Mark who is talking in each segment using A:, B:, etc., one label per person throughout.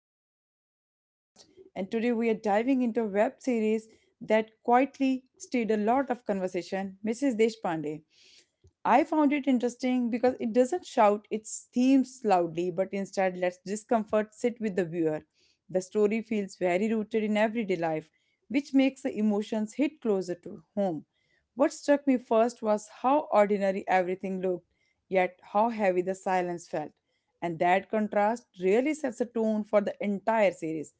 A: welcome back to the podcast. And today we are diving into a web series that quietly stirred a lot of conversation, Mrs. Deshpande. I found it interesting because it doesn't shout its themes loudly, but instead lets discomfort sit with the viewer. The story feels very rooted in everyday life, which makes the emotions hit closer to home. What struck me first was how ordinary everything looked, yet how heavy the silence felt. And that contrast really sets a tone for the entire series.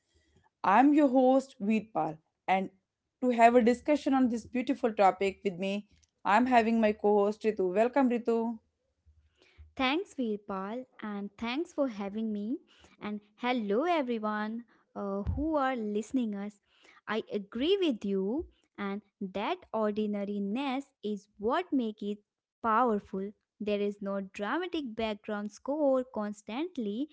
A: I'm your host, Veerpal, and to have a discussion on this beautiful topic with me, I'm having my co host Ritu. Welcome, Ritu.
B: Thanks, Veerpal, and thanks for having me. And hello, everyone who are listening us. I agree with you, and that ordinariness is what makes it powerful. There is no dramatic background score constantly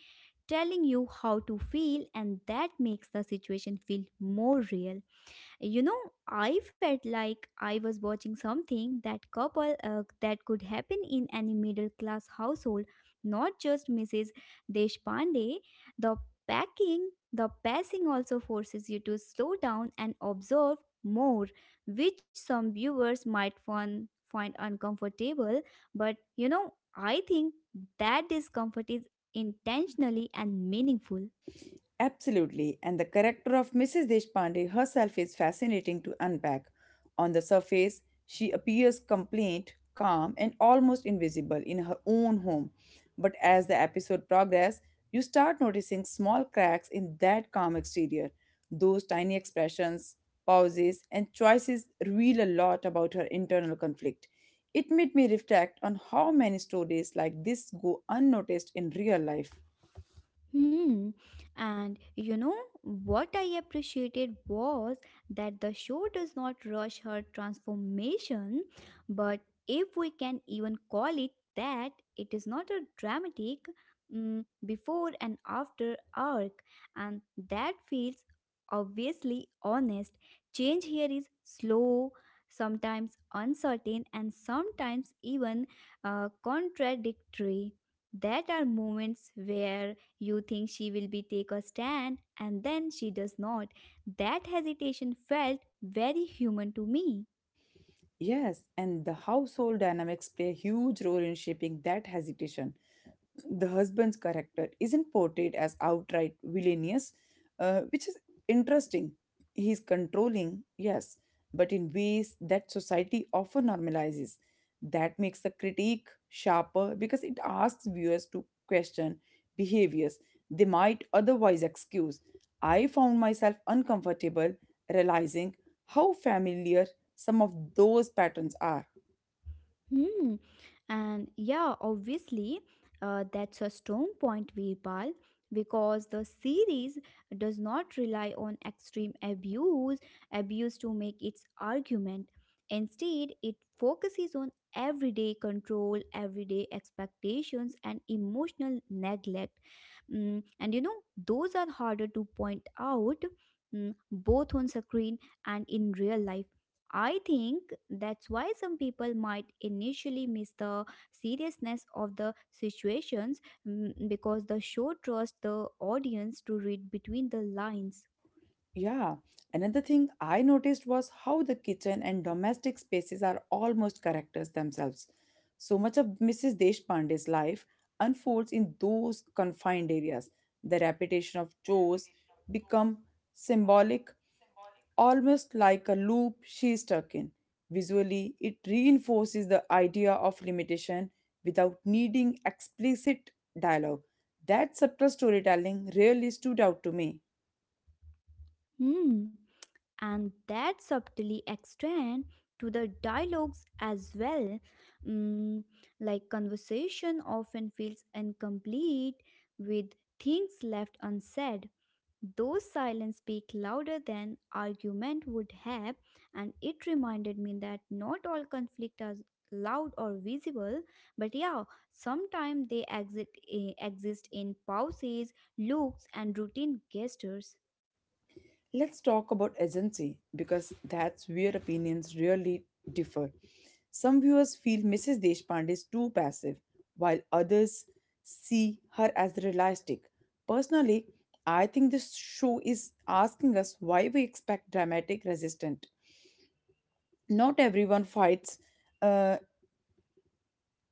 B: telling you how to feel, and that makes the situation feel more real. You know, I felt like I was watching something that couple that could happen in any middle class household, not just Mrs. Deshpande. The packing, the pacing also forces you to slow down and observe more, which some viewers might find uncomfortable, but you know, I think that discomfort is intentionally and meaningful.
A: Absolutely, and the character of Mrs. Deshpande herself is fascinating to unpack. On the surface, she appears complaint, calm, and almost invisible in her own home. But as the episode progresses, you start noticing small cracks in that calm exterior. Those tiny expressions, pauses, and choices reveal a lot about her internal conflict. It made me reflect on how many stories like this go unnoticed in real life.
B: Hmm. And you know what I appreciated was that the show does not rush her transformation, but if we can even call it that, it is not a dramatic before and after arc, and that feels obviously honest. Change here is slow, sometimes uncertain, and sometimes even contradictory. That are moments where you think she will be take a stand and then she does not. That hesitation felt very human to me.
A: Yes, and the household dynamics play a huge role in shaping that hesitation. The husband's character isn't portrayed as outright villainous, which is interesting. He's controlling, yes, but in ways that society often normalizes. That makes the critique sharper because it asks viewers to question behaviors they might otherwise excuse. I found myself uncomfortable realizing how familiar some of those patterns are.
B: Hmm. And yeah, obviously, that's a strong point, Virpal, because the series does not rely on abuse to make its argument. Instead, it focuses on everyday control, everyday expectations, and emotional neglect. And you know, those are harder to point out, both on screen and in real life. I think that's why some people might initially miss the seriousness of the situations, because the show trusts the audience to read between the lines.
A: Yeah, another thing I noticed was how the kitchen and domestic spaces are almost characters themselves. So much of Mrs. Deshpande's life unfolds in those confined areas. The repetition of chores become symbolic, almost like a loop she is stuck in. Visually, it reinforces the idea of limitation without needing explicit dialogue. That subtle storytelling really stood out to me.
B: Hmm. And that subtly extend to the dialogues as well. Mm, like conversation often feels incomplete with things left unsaid. Those silence speak louder than argument would have, and it reminded me that not all conflict are loud or visible, but yeah, sometimes exist in pauses, looks, and routine gestures.
A: Let's talk about agency because that's where opinions really differ. Some viewers feel Mrs. Deshpande is too passive, while others see her as realistic. Personally, I think this show is asking us why we expect dramatic resistance. Not everyone fights, uh,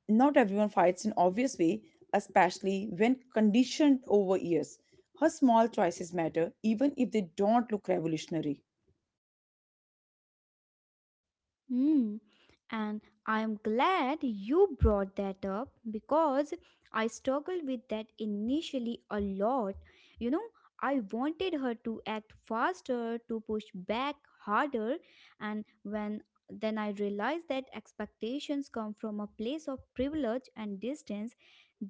A: Not everyone fights in obvious way, especially when conditioned over years. Her small choices matter, even if they don't look revolutionary.
B: Hmm. And I'm glad you brought that up because I struggled with that initially a lot. You know, I wanted her to act faster, to push back harder, and when then I realized that expectations come from a place of privilege and distance.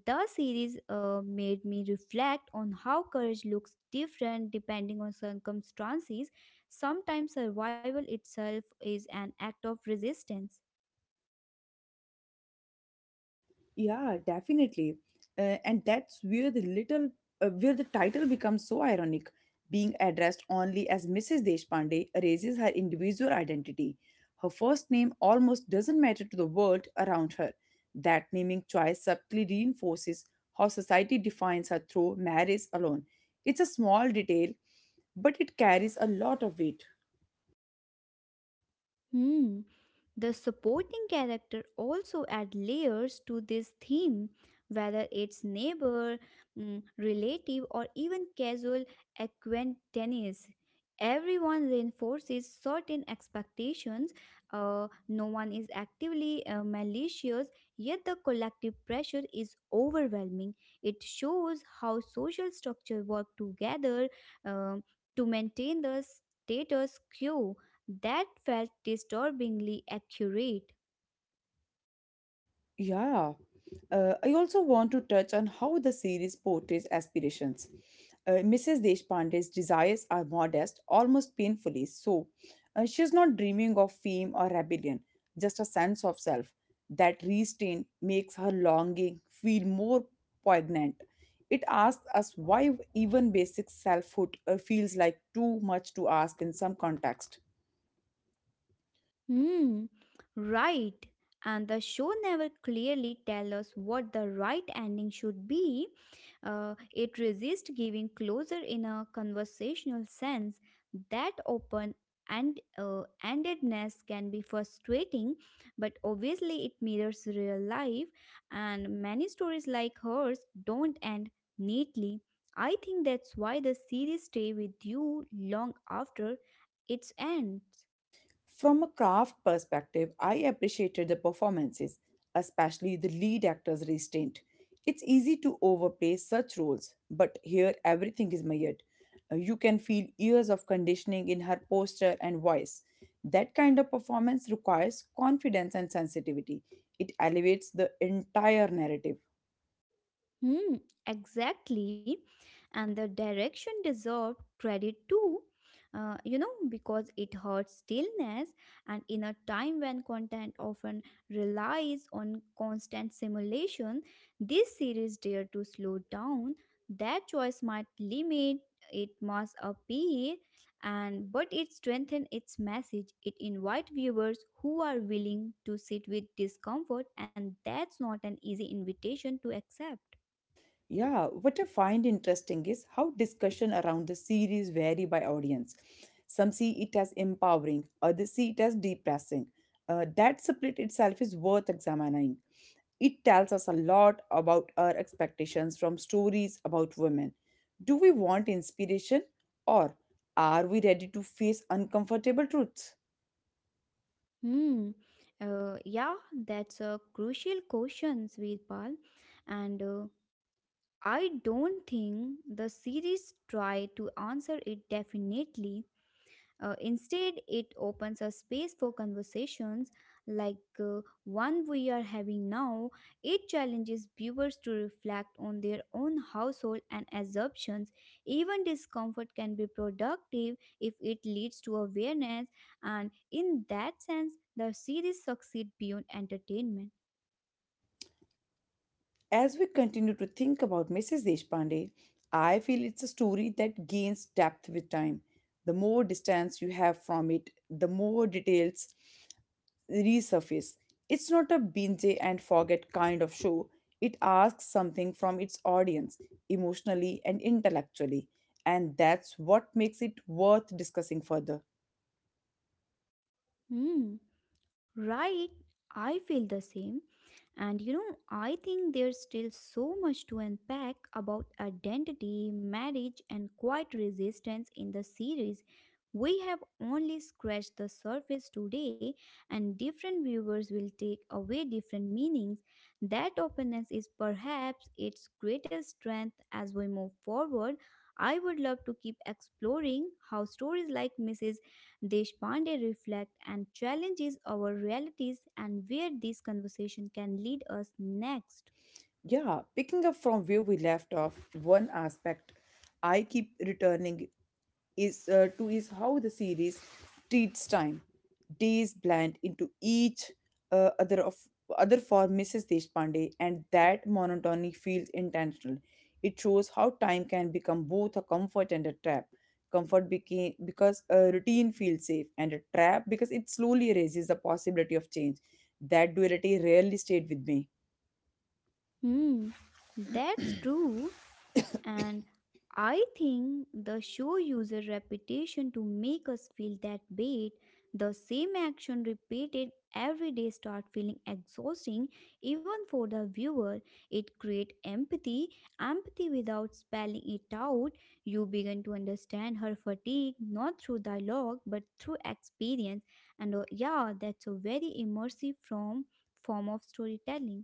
B: The series made me reflect on how courage looks different depending on circumstances. Sometimes survival itself is an act of resistance.
A: Yeah, definitely. And that's where where the title becomes so ironic. Being addressed only as Mrs. Deshpande erases her individual identity. Her first name almost doesn't matter to the world around her. That naming choice subtly reinforces how society defines her through marriage alone. It's a small detail, but it carries a lot of weight.
B: Hmm. The supporting character also add layers to this theme, whether it's neighbor, relative, or even casual acquaintance. Everyone reinforces certain expectations. No one is actively malicious, yet the collective pressure is overwhelming. It shows how social structure work together um, to maintain the status quo. That felt disturbingly accurate.
A: Yeah, I also want to touch on how the series portrays aspirations. Mrs. Deshpande's desires are modest, almost painfully so. She is not dreaming of fame or rebellion, just a sense of self. That restraint makes her longing feel more poignant. It asks us why even basic selfhood feels like too much to ask in some context.
B: Hmm, right. And the show never clearly tells us what the right ending should be. It resists giving closure in a conversational sense. That open and endedness can be frustrating, but obviously it mirrors real life, and many stories like hers don't end neatly. I think that's why the series stay with you long after its end.
A: From a craft perspective, I appreciated the performances, especially the lead actor's restraint. It's easy to overplay such roles, but here everything is measured. You can feel years of conditioning in her posture and voice. That kind of performance requires confidence and sensitivity. It elevates the entire narrative.
B: Hmm, exactly. And the direction deserved credit too. You know, because it hurts stillness, and in a time when content often relies on constant simulation, this series dare to slow down. That choice might limit it must appeal, and but it strengthens its message. It invites viewers who are willing to sit with discomfort, and that's not an easy invitation to accept.
A: Yeah, what I find interesting is how discussion around the series vary by audience. Some see it as empowering, others see it as depressing. That split itself is worth examining. It tells us a lot about our expectations from stories about women. Do we want inspiration or are we ready to face uncomfortable truths?
B: Hmm. Yeah, that's a crucial question, Svirpal. And I don't think the series tried to answer it definitely. Instead, it opens a space for conversations like one we are having now. It challenges viewers to reflect on their own household and assumptions. Even discomfort can be productive if it leads to awareness, and in that sense, the series succeed beyond entertainment.
A: As we continue to think about Mrs. Deshpande, I feel it's a story that gains depth with time. The more distance you have from it, the more details resurface. It's not a binge and forget kind of show. It asks something from its audience, emotionally and intellectually, and that's what makes it worth discussing further.
B: Hmm, right, I feel the same. And you know, I think there's still so much to unpack about identity, marriage, and quiet resistance in the series. We have only scratched the surface today, and different viewers will take away different meanings. That openness is perhaps its greatest strength as we move forward. I would love to keep exploring how stories like Mrs. Deshpande reflect and challenges our realities and where this conversation can lead us next.
A: Yeah, picking up from where we left off, one aspect I keep returning is to is how the series treats time. Days blend into each uh, other of other for Mrs. Deshpande, and that monotony feels intentional. It shows how time can become both a comfort and a trap. Comfort became because a routine feels safe, and a trap because it slowly erases the possibility of change. That duality rarely stayed with me.
B: Hmm, that's true. And I think the show user repetition to make us feel that bait, the same action repeated every day start feeling exhausting even for the viewer. It create empathy without spelling it out. You begin to understand her fatigue not through dialogue but through experience. And yeah, that's a very immersive from form of storytelling.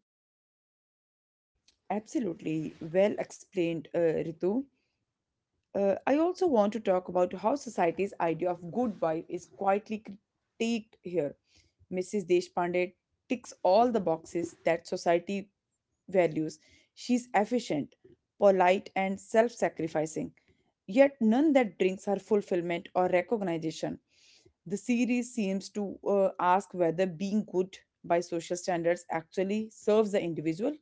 A: Absolutely well explained, Ritu. I also want to talk about how society's idea of good wife is quietly critiqued here. Mrs. Deshpande ticks all the boxes that society values. She's efficient, polite, and self sacrificing, yet none that brings her fulfillment or recognition. The series seems to ask whether being good by social standards actually serves the individual.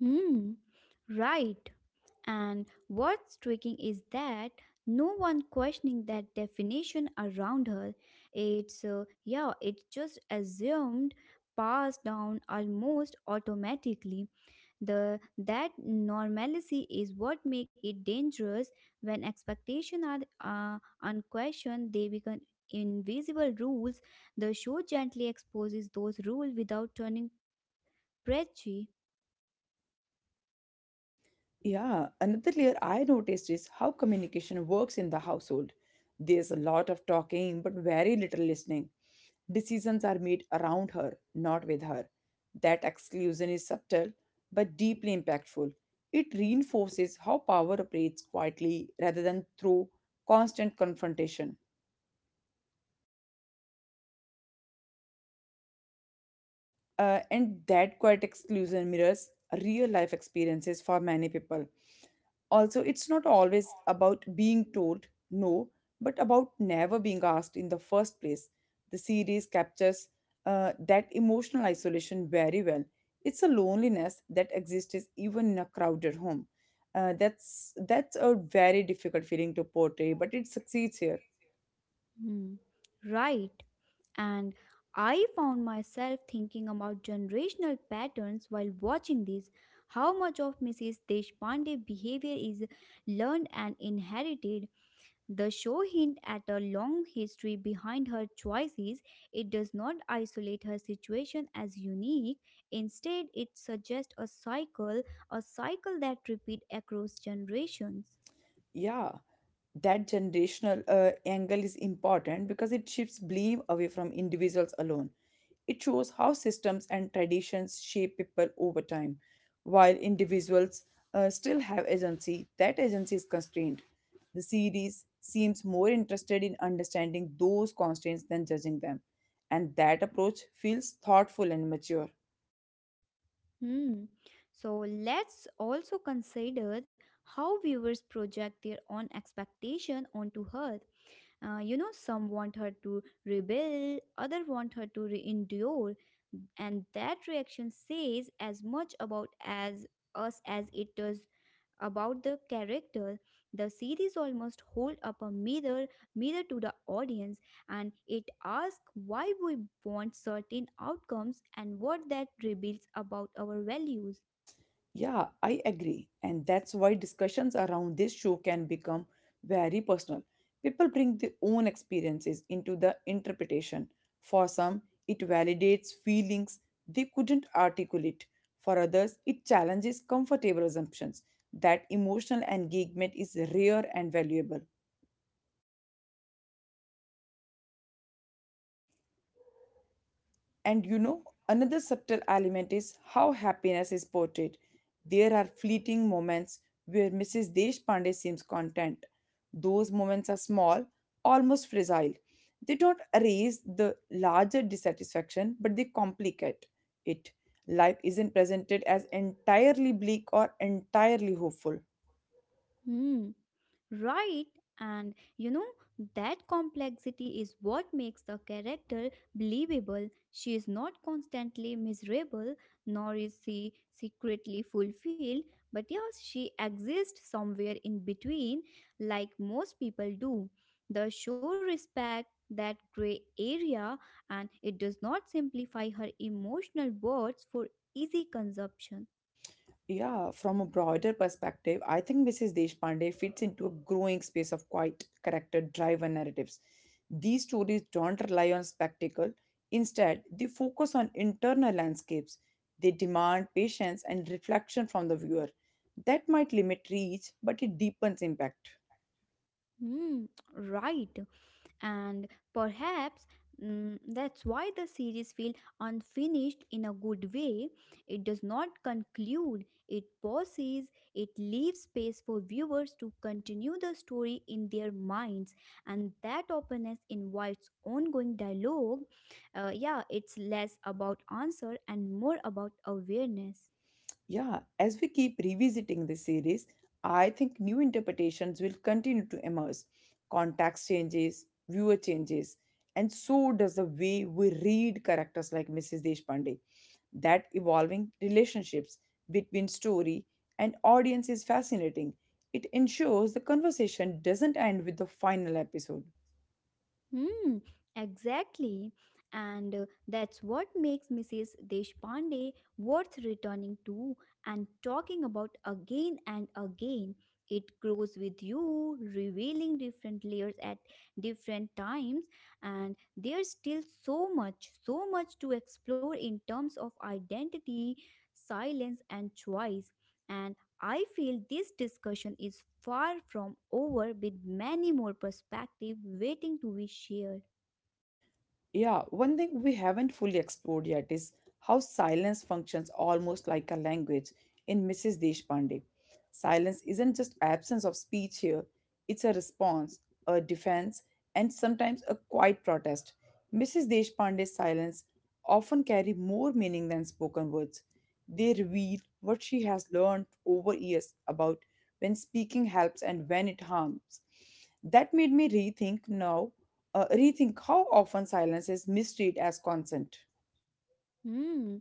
B: Hmm, right. And what's striking is that no one questioning that definition around her. It's, yeah, it's just assumed, passed down almost automatically. The That normalcy is what make it dangerous. When expectations are unquestioned, they become invisible rules. The show gently exposes those rules without turning preachy.
A: Yeah, another layer I noticed is how communication works in the household. There's a lot of talking, but very little listening. Decisions are made around her, not with her. That exclusion is subtle, but deeply impactful. It reinforces how power operates quietly rather than through constant confrontation. And that quiet exclusion mirrors real life experiences for many people. Also, it's not always about being told no, but about never being asked in the first place. The series captures that emotional isolation very well. It's a loneliness that exists even in a crowded home. That's a very difficult feeling to portray, but it succeeds here.
B: Hmm, right. And I found myself thinking about generational patterns while watching this. How much of Mrs. Deshpande behavior is learned and inherited? The show hints at a long history behind her choices. It does not isolate her situation as unique. Instead, it suggests a cycle that repeats across generations.
A: Yeah, that generational angle is important because it shifts blame away from individuals alone. It shows how systems and traditions shape people over time, while individuals still have agency. That agency is constrained. The series seems more interested in understanding those constraints than judging them, and that approach feels thoughtful and mature.
B: Hmm. So let's also consider how viewers project their own expectation onto her. You know, some want her to rebel, other want her to endure, and that reaction says as much about as us as it does about the character. The series almost hold up a mirror to the audience, and it asks why we want certain outcomes and what that reveals about our values.
A: Yeah, I agree. And that's why discussions around this show can become very personal. People bring their own experiences into the interpretation. For some, it validates feelings they couldn't articulate. For others, it challenges comfortable assumptions. That emotional engagement is rare and valuable. And you know, another subtle element is how happiness is portrayed. There are fleeting moments where Mrs. Deshpande seems content. Those moments are small, almost fragile. They don't erase the larger dissatisfaction, but they complicate it. Life isn't presented as entirely bleak or entirely hopeful.
B: Hmm. Right. And you know, that complexity is what makes the character believable. She is not constantly miserable, nor is she secretly fulfilled, but yes, she exists somewhere in between, like most people do. The show respects that gray area, and it does not simplify her emotional words for easy consumption.
A: Yeah, from a broader perspective, I think Mrs. Deshpande fits into a growing space of quiet character driven narratives. These stories don't rely on spectacle, instead, they focus on internal landscapes. They demand patience and reflection from the viewer. That might limit reach, but it deepens impact.
B: Hmm, right. And perhaps, that's why the series feels unfinished in a good way. It does not conclude, it pauses, it leaves space for viewers to continue the story in their minds, and that openness invites ongoing dialogue. Yeah, it's less about answer and more about awareness.
A: Yeah, as we keep revisiting this series, I think new interpretations will continue to emerge. Context changes, viewer changes, and so does the way we read characters like Mrs. Deshpande. That evolving relationships between story and audience is fascinating. It ensures the conversation doesn't end with the final episode.
B: Hmm, exactly. And that's what makes Mrs. Deshpande worth returning to and talking about again and again. It grows with you, revealing different layers at different times, and there's still so much to explore in terms of identity, silence, and choice. And I feel this discussion is far from over with many more perspectives waiting to be shared.
A: Yeah, one thing we haven't fully explored yet is how silence functions almost like a language in Mrs. Deshpande. Silence isn't just absence of speech here, it's a response, a defense, and sometimes a quiet protest. Mrs. Deshpande's silence often carry more meaning than spoken words. They reveal what she has learned over years about when speaking helps and when it harms. That made me rethink how often silence is mistreated as consent.
B: Hmm,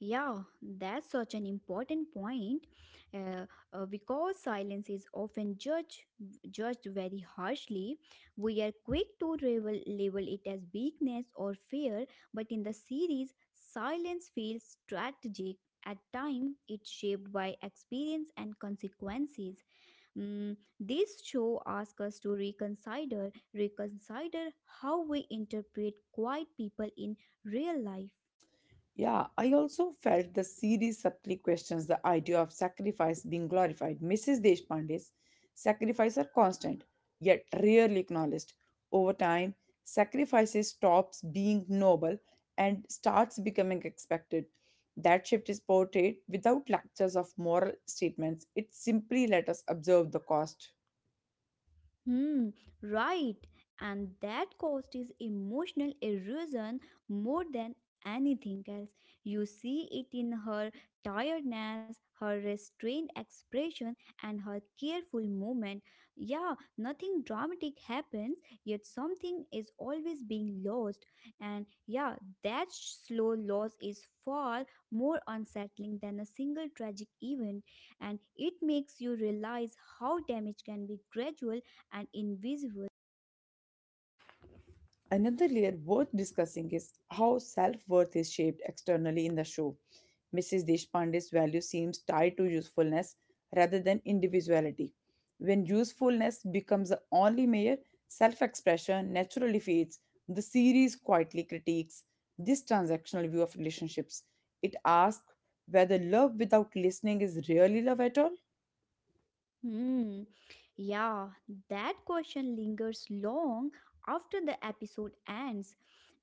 B: yeah, that's such an important point, uh, because silence is often judged very harshly. We are quick to label it as weakness or fear, but in the series, silence feels strategic. At time, it's shaped by experience and consequences. This show asks us to reconsider how we interpret quiet people in real life.
A: Yeah, I also felt the series subtly questions the idea of sacrifice being glorified. Mrs. Deshpande's sacrifices are constant, yet rarely acknowledged. Over time, sacrifices stops being noble and starts becoming expected. That shift is portrayed without lectures of moral statements. It simply let us observe the cost.
B: Hmm, right. And that cost is emotional erosion more than anything else. You see it in her tiredness, her restrained expression, and her careful movement. Yeah, nothing dramatic happens, yet something is always being lost. And yeah, that slow loss is far more unsettling than a single tragic event. And it makes you realize how damage can be gradual and invisible.
A: Another layer worth discussing is how self worth is shaped externally in the show. Mrs. Deshpande's value seems tied to usefulness rather than individuality. When usefulness becomes the only measure, self expression naturally fades. The series quietly critiques this transactional view of relationships. It asks whether love without listening is really love at all.
B: Hmm. Yeah, that question lingers long after the episode ends.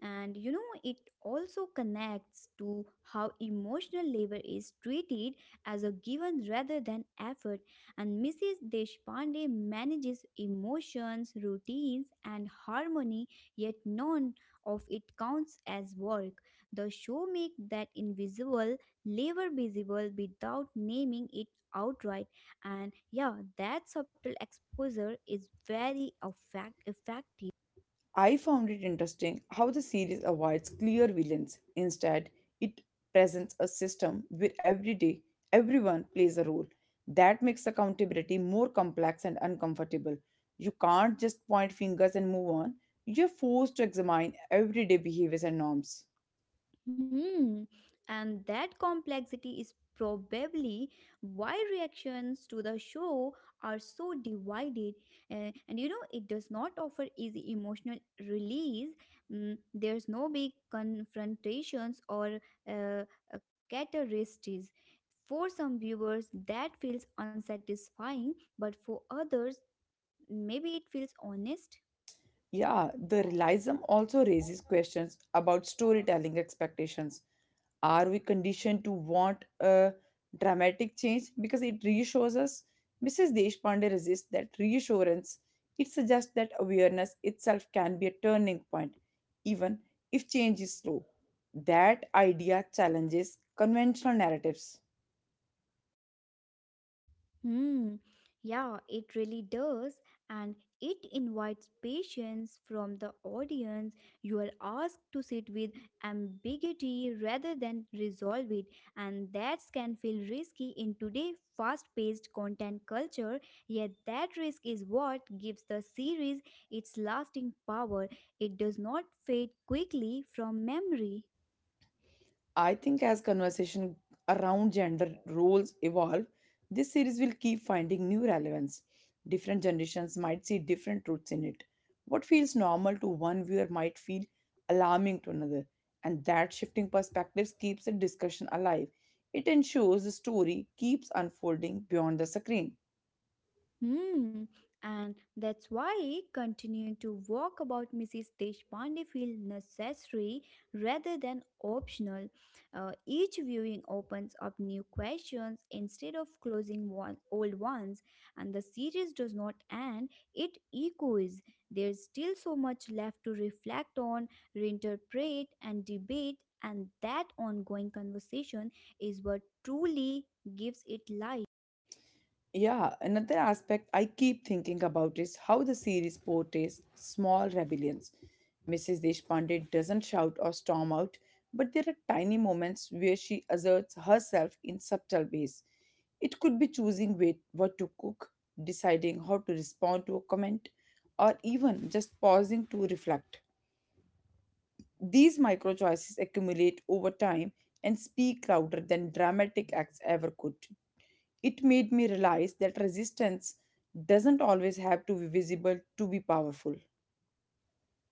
B: And you know, it also connects to how emotional labor is treated as a given rather than effort. And Mrs. Deshpande manages emotions, routines, and harmony, yet none of it counts as work. The show makes that invisible labor visible without naming it outright. And yeah, that subtle exposure is very effective.
A: I found it interesting how the series avoids clear villains. Instead, it presents a system where every day everyone plays a role. That makes accountability more complex and uncomfortable. You can't just point fingers and move on. You're forced to examine everyday behaviors and norms.
B: Hmm. And that complexity is probably why reactions to the show are so divided. And you know, it does not offer easy emotional release. There's no big confrontations or uh, uh, catharsis. For some viewers that feels unsatisfying, but for others maybe it feels honest.
A: Yeah, the realism also raises questions about storytelling expectations. Are we conditioned to want a dramatic change because it reassures us? Mrs. Deshpande resists that reassurance. It suggests that awareness itself can be a turning point, even if change is slow. That idea challenges conventional narratives.
B: Hmm. Yeah, it really does. And it invites patience from the audience. You are asked to sit with ambiguity rather than resolve it. And that can feel risky in today's fast paced content culture. Yet, that risk is what gives the series its lasting power. It does not fade quickly from memory.
A: I think as conversation around gender roles evolve, this series will keep finding new relevance. Different generations might see different truths in it. What feels normal to one viewer might feel alarming to another, and that shifting perspectives keeps the discussion alive. It ensures the story keeps unfolding beyond the screen.
B: Hmm, and that's why continuing to walk about Mrs. Deshpande feels necessary rather than optional. Each viewing opens up new questions instead of closing old ones, and the series does not end, it echoes. There's still so much left to reflect on, reinterpret, and debate, and that ongoing conversation is what truly gives it life.
A: Yeah, another aspect I keep thinking about is how the series portrays small rebellions. Mrs. Deshpande doesn't shout or storm out, but there are tiny moments where she asserts herself in subtle ways. It could be choosing wait, what to cook, deciding how to respond to a comment, or even just pausing to reflect. These micro choices accumulate over time and speak louder than dramatic acts ever could. It made me realize that resistance doesn't always have to be visible to be powerful.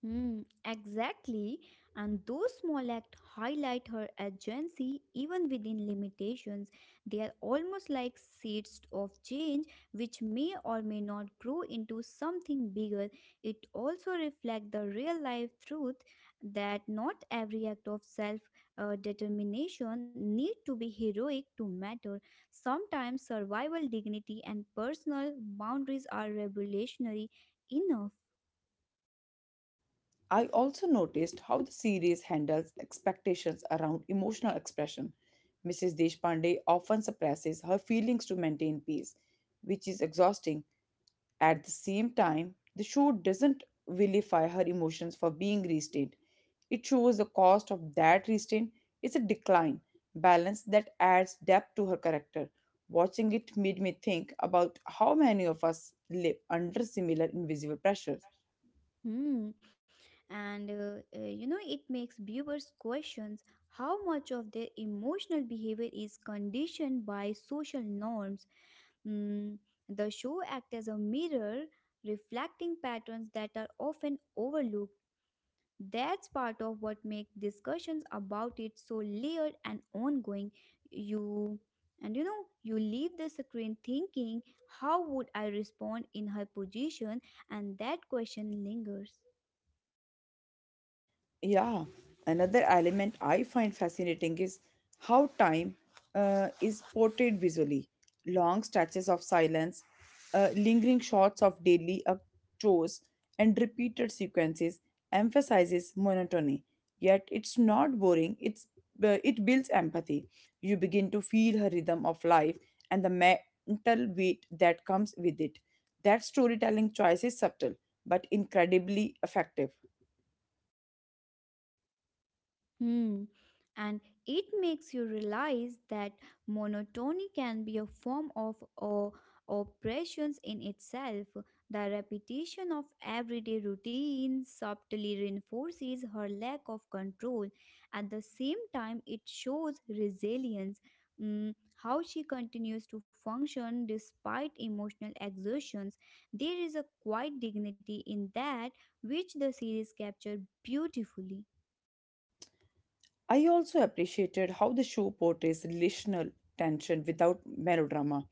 B: Hmm, exactly. And those small acts highlight her agency even within limitations. They are almost like seeds of change which may or may not grow into something bigger. It also reflects the real life truth that not every act of self determination need to be heroic to matter. Sometimes survival dignity and personal boundaries are revolutionary enough.
A: I also noticed how the series handles expectations around emotional expression. Mrs. Deshpande often suppresses her feelings to maintain peace, which is exhausting. At the same time, the show doesn't vilify her emotions for being restrained. It shows the cost of that restraint is a decline, balance that adds depth to her character. Watching it made me think about how many of us live under similar invisible pressures.
B: Hmm. And it makes viewers questions how much of their emotional behavior is conditioned by social norms. Mm, the show acts as a mirror reflecting patterns that are often overlooked. That's part of what makes discussions about it so layered and ongoing. You and you know you leave the screen thinking, how would I respond in her position? And that question lingers.
A: Yeah, another element I find fascinating is how time is portrayed visually. Long stretches of silence, lingering shots of daily chores, and repeated sequences emphasizes monotony. Yet it's not boring. It builds empathy. You begin to feel her rhythm of life and the mental weight that comes with it. That storytelling choice is subtle but incredibly effective.
B: Hmm. And it makes you realize that monotony can be a form of oppressions in itself. The repetition of everyday routine subtly reinforces her lack of control. At the same time, it shows resilience, how she continues to function despite emotional exertions. There is a quiet dignity in that, which the series captured beautifully.
A: I also appreciated how the show portrays relational tension without melodrama.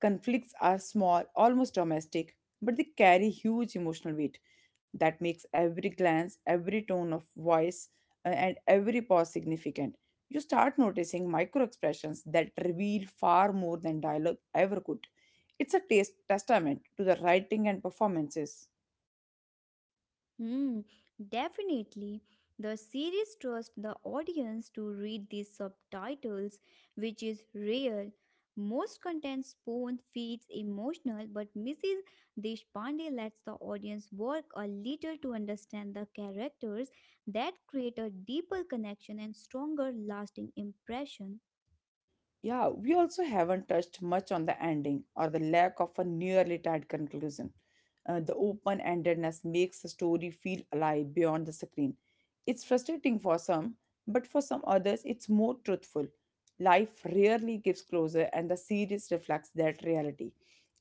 A: Conflicts are small, almost domestic, but they carry huge emotional weight that makes every glance, every tone of voice, and every pause significant. You start noticing micro expressions that reveal far more than dialogue ever could. It's a taste testament to the writing and performances.
B: Hmm, definitely. The series trusts the audience to read these subtitles, which is rare. Most content spoon feeds emotional, but Mrs. Deshpande lets the audience work a little to understand the characters that create a deeper connection and stronger lasting impression.
A: Yeah, we also haven't touched much on the ending or the lack of a nearly tied conclusion. The open endedness makes the story feel alive beyond the screen. It's frustrating for some, but for some others, it's more truthful. Life rarely gives closure, and the series reflects that reality.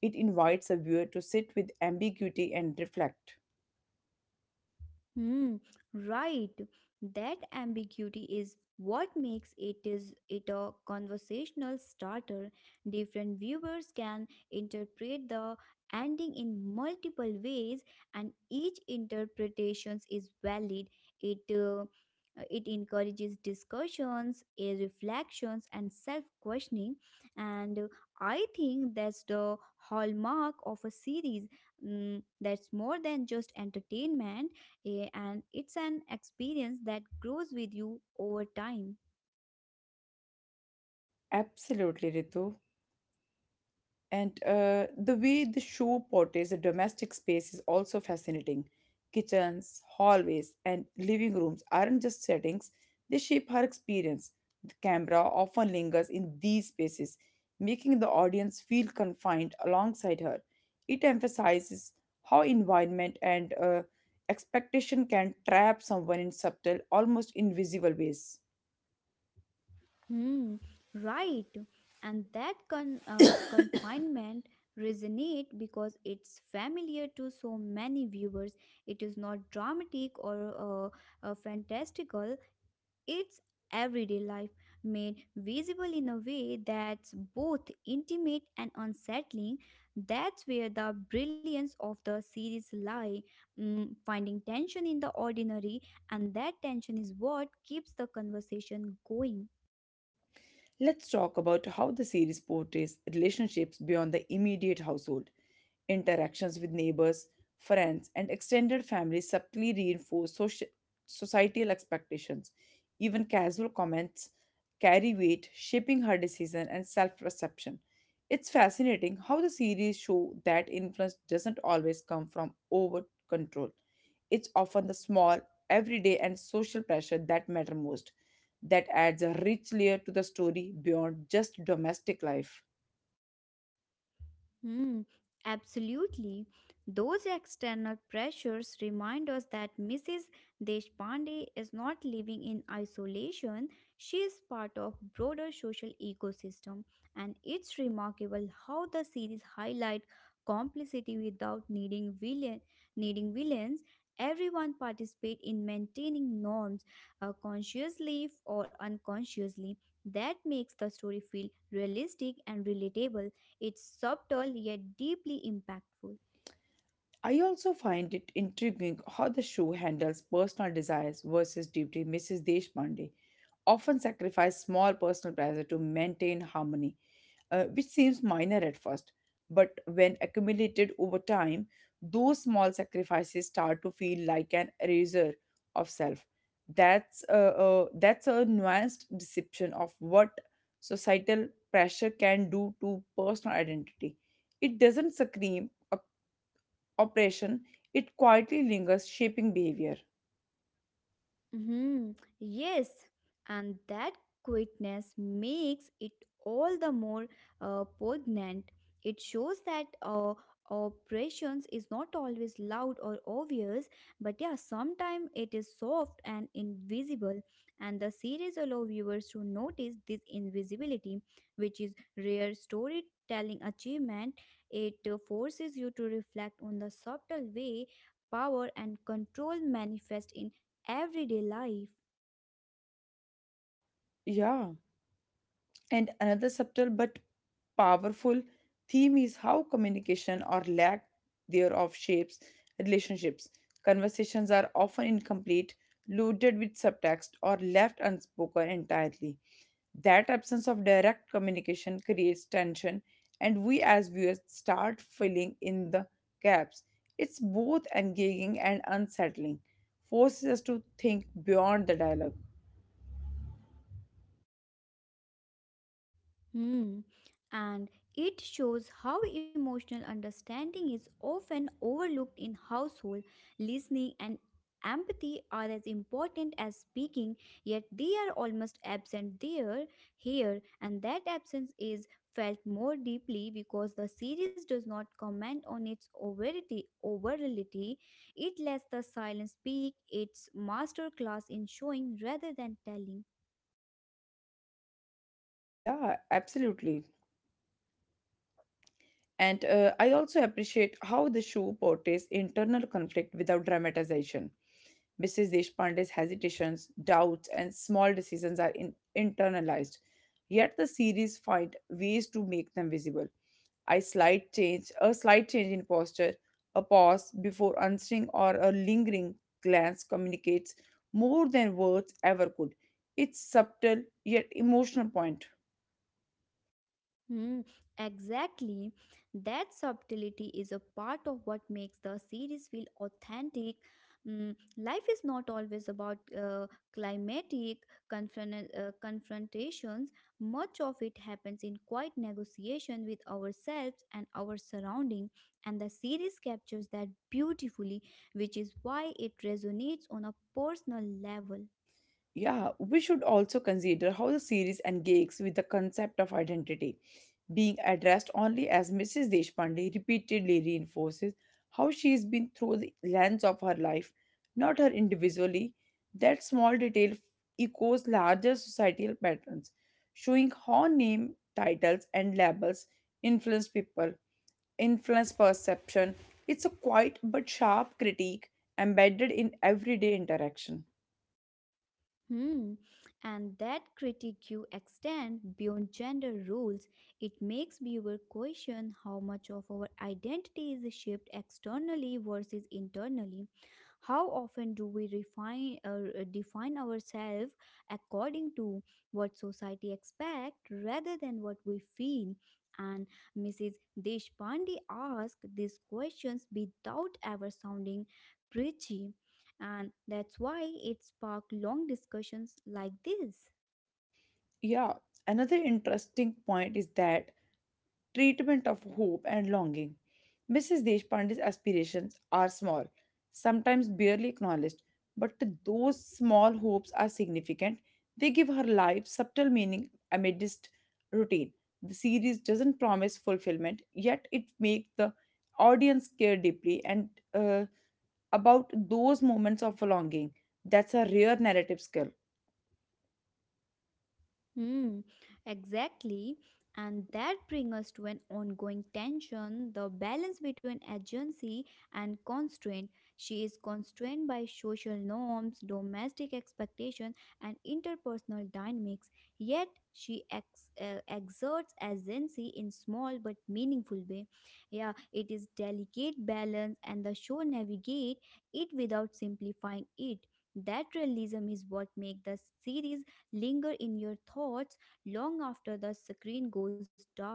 A: It invites a viewer to sit with ambiguity and reflect.
B: Hmm, right. That ambiguity is what makes it, is it a conversational starter. Different viewers can interpret the ending in multiple ways, and each interpretations is valid. It uh, it encourages discussions, reflections, and self-questioning. And I think that's the hallmark of a series. That's more than just entertainment. And it's an experience that grows with you over time.
A: Absolutely, Ritu. And the way the show portrays a domestic space is also fascinating. Kitchens, hallways, and living rooms aren't just settings, they shape her experience. The camera often lingers in these spaces, making the audience feel confined alongside her. It emphasizes how environment and expectation can trap someone in subtle, almost invisible ways.
B: Hmm, right. And that confinement resonate because it's familiar to so many viewers. It is not dramatic or fantastical. It's everyday life made visible in a way that's both intimate and unsettling. That's where the brilliance of the series lie, finding tension in the ordinary, and that tension is what keeps the conversation going.
A: Let's talk about how the series portrays relationships beyond the immediate household. Interactions with neighbors, friends, and extended family subtly reinforce societal expectations. Even casual comments carry weight, shaping her decision and self perception. It's fascinating how the series show that influence doesn't always come from over control. It's often the small, everyday, and social pressure that matter most that adds a rich layer to the story beyond just domestic life.
B: Hmm, absolutely. Those external pressures remind us that Mrs. Deshpande is not living in isolation. She is part of broader social ecosystem, and it's remarkable how the series highlight complicity without needing villains. Everyone participate in maintaining norms, consciously or unconsciously. That makes the story feel realistic and relatable. It's subtle yet deeply impactful.
A: I also find it intriguing how the show handles personal desires versus duty. Mrs. Deshpande often sacrificed small personal pleasure to maintain harmony, which seems minor at first, but when accumulated over time, those small sacrifices start to feel like an eraser of self. That's a nuanced deception of what societal pressure can do to personal identity. It doesn't scream oppression, it quietly lingers, shaping behavior.
B: Hmm. Yes, and that quietness makes it all the more poignant. It shows that operations is not always loud or obvious, but yeah, sometimes it is soft and invisible. And the series allow viewers to notice this invisibility, which is rare storytelling achievement. It forces you to reflect on the subtle way power and control manifest in everyday life.
A: Yeah. And another subtle but powerful theme is how communication or lack thereof shapes relationships. Conversations are often incomplete, loaded with subtext, or left unspoken entirely. That absence of direct communication creates tension, and we as viewers start filling in the gaps. It's both engaging and unsettling, forces us to think beyond the dialogue.
B: Hmm. And it shows how emotional understanding is often overlooked in household. Listening and empathy are as important as speaking, yet they are almost absent here, and that absence is felt more deeply because the series does not comment on its overality. It lets the silence speak its master class in showing rather than telling.
A: Yeah, absolutely. And I also appreciate how the show portrays internal conflict without dramatization. Mrs. Deshpande's hesitations, doubts, and small decisions are internalized, yet the series find ways to make them visible. A slight change in posture, a pause before answering, or a lingering glance communicates more than words ever could. It's subtle yet emotional point.
B: Hmm, exactly. That subtlety is a part of what makes the series feel authentic. Life is not always about climatic confrontations. Much of it happens in quiet negotiation with ourselves and our surrounding, and the series captures that beautifully, which is why it resonates on a personal level.
A: Yeah, we should also consider how the series engages with the concept of identity. Being addressed only as Mrs. Deshpande repeatedly reinforces how she has been through the lens of her life, not her individually. That small detail echoes larger societal patterns, showing how name, titles, and labels influence people, influence perception. It's a quiet but sharp critique embedded in everyday interaction.
B: Hmm. And that critique you extend beyond gender roles, it makes viewer question how much of our identity is shaped externally versus internally. How often do we refine define ourselves according to what society expects rather than what we feel? And Mrs. Deshpande asked these questions without ever sounding preachy, and that's why it sparked long discussions like this.
A: Yeah, another interesting point is that treatment of hope and longing. Mrs. Deshpande's aspirations are small, sometimes barely acknowledged, but those small hopes are significant. They give her life subtle meaning amidst routine. The series doesn't promise fulfillment, yet it makes the audience care deeply and about those moments of longing. That's a rare narrative skill.
B: Hmm, exactly. And that brings us to an ongoing tension, the balance between agency and constraint. She is constrained by social norms, domestic expectations, and interpersonal dynamics, yet she exerts agency in small but meaningful way. Yeah, it is delicate balance, and the show navigate it without simplifying it. That realism is what makes the series linger in your thoughts long after the screen goes dark.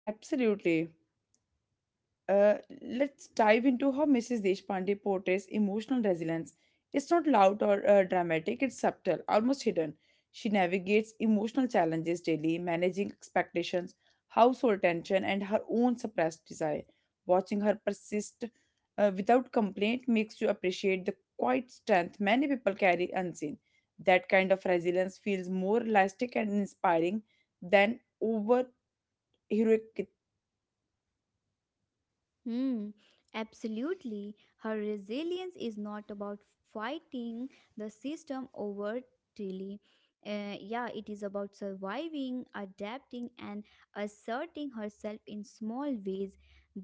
A: Absolutely. Uh, let's dive into how Mrs. Deshpande portrays emotional resilience. It's not loud or dramatic, it's subtle, almost hidden. She navigates emotional challenges daily, managing expectations, household tension, and her own suppressed desire. Watching her persist without complaint makes you appreciate the quiet strength many people carry unseen. That kind of resilience feels more elastic and inspiring than over heroic.
B: Hmm, absolutely. Her resilience is not about fighting the system overtly. Yeah, it is about surviving, adapting, and asserting herself in small ways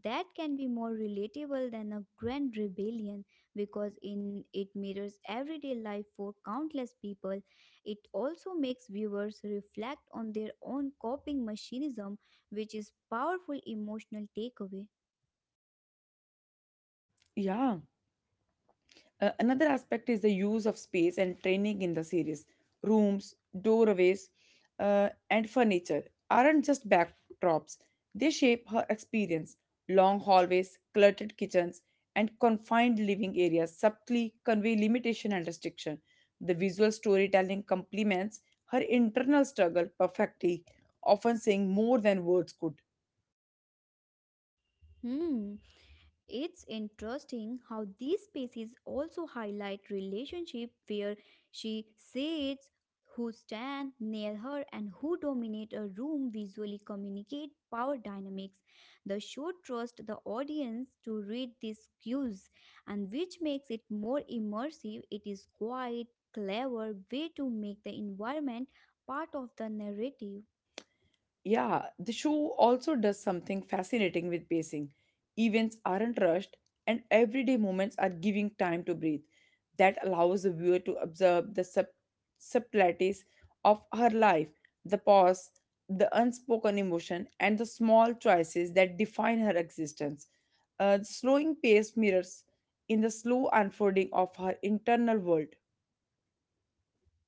B: that can be more relatable than a grand rebellion because in it mirrors everyday life for countless people. It also makes viewers reflect on their own coping mechanism, which is powerful emotional takeaway.
A: Yeah. Another aspect is the use of space and training in the series. Rooms, doorways, and furniture aren't just backdrops, they shape her experience. Long hallways, cluttered kitchens, and confined living areas subtly convey limitation and restriction. The visual storytelling complements her internal struggle perfectly, often saying more than words could.
B: Hmm. It's interesting how these species also highlight relationship where she says who stand near her and who dominate a room visually communicate power dynamics. The show trusts the audience to read these cues and which makes it more immersive. It is quite clever way to make the environment part of the narrative.
A: Yeah, the show also does something fascinating with pacing. Events aren't rushed, and everyday moments are giving time to breathe. That allows the viewer to observe the subtleties of her life, the pause, the unspoken emotion, and the small choices that define her existence. The slowing pace mirrors in the slow unfolding of her internal world.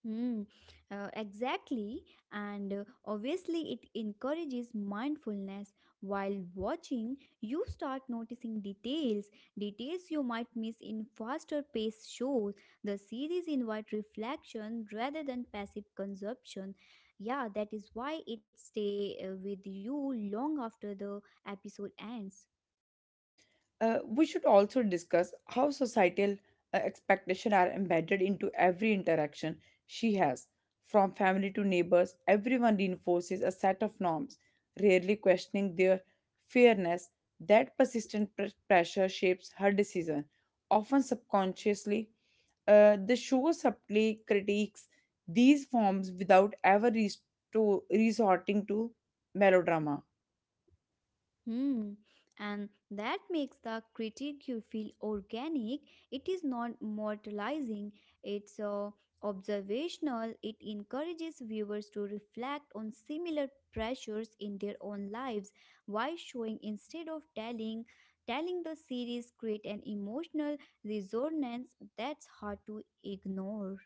B: Hmm. Exactly, and obviously, it encourages mindfulness. While watching, you start noticing details, details you might miss in faster paced shows. The series invite reflection rather than passive consumption. Yeah, that is why it stay with you long after the episode ends.
A: We should also discuss how societal expectations are embedded into every interaction she has. From family to neighbors, everyone reinforces a set of norms, rarely questioning their fairness. That persistent pressure shapes her decision, often subconsciously. The show subtly critiques these forms without ever resorting to melodrama.
B: Hmm. And that makes the critique you feel organic. It is not moralizing, it's observational. It encourages viewers to reflect on similar pressures in their own lives. Why showing instead of telling? Telling the series create an emotional resonance that's hard to ignore.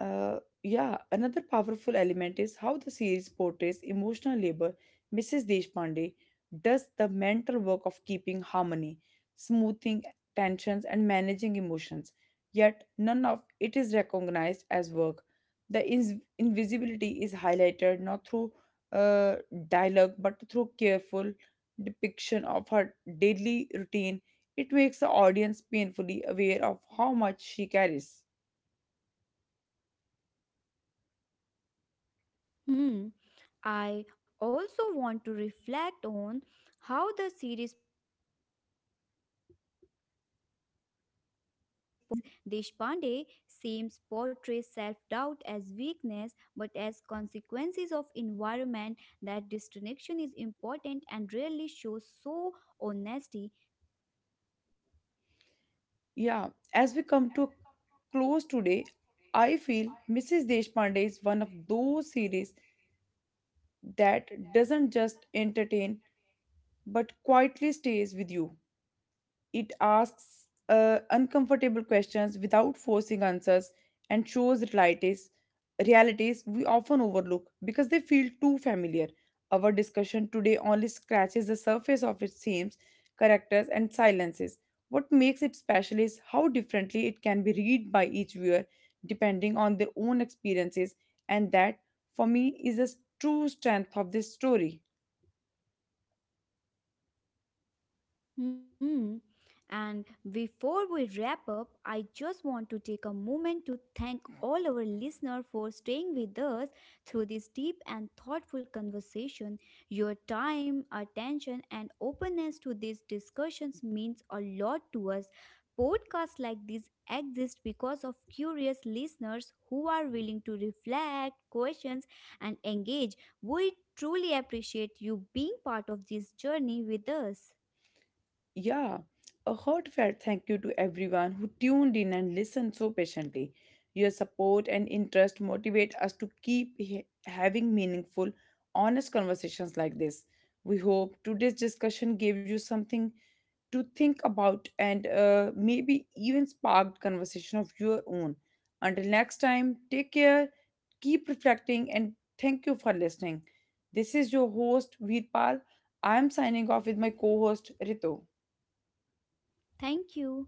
A: Yeah, another powerful element is how the series portrays emotional labor. Mrs. Deshpande does the mental work of keeping harmony, smoothing tensions, and managing emotions. Yet, none of it is recognized as work. The invisibility is highlighted not through uh, dialogue but through careful depiction of her daily routine. It makes the audience painfully aware of how much she carries.
B: Hmm. I also want to reflect even when Mrs. Deshpande seems portrays self-doubt as weakness, but as consequences of environment, that disconnection is important and rarely shows so honesty.
A: Yeah, as we come to a close today, I feel Mrs. Deshpande is one of those series that doesn't just entertain but quietly stays with you. It asks uncomfortable questions without forcing answers and shows realities we often overlook because they feel too familiar. Our discussion today only scratches the surface of its themes, characters, and silences. What makes it special is how differently it can be read by each viewer depending on their own experiences, and that, for me, is a true strength of this story.
B: Hmm. And before we wrap up, I just want to take a moment to thank all our listeners for staying with us through this deep and thoughtful conversation. Your time, attention, and openness to these discussions means a lot to us. Podcasts like this exist because of curious listeners who are willing to reflect, questions, and engage. We truly appreciate you being part of this journey with us.
A: Yeah, a heartfelt thank you to everyone who tuned in and listened so patiently. Your support and interest motivate us to keep having meaningful, honest conversations like this. We hope today's discussion gave you something to think about and maybe even sparked conversation of your own. Until next time, take care, keep reflecting, and thank you for listening. This is your host, Veerpal. I am signing off with my co host, Rito.
B: Thank you.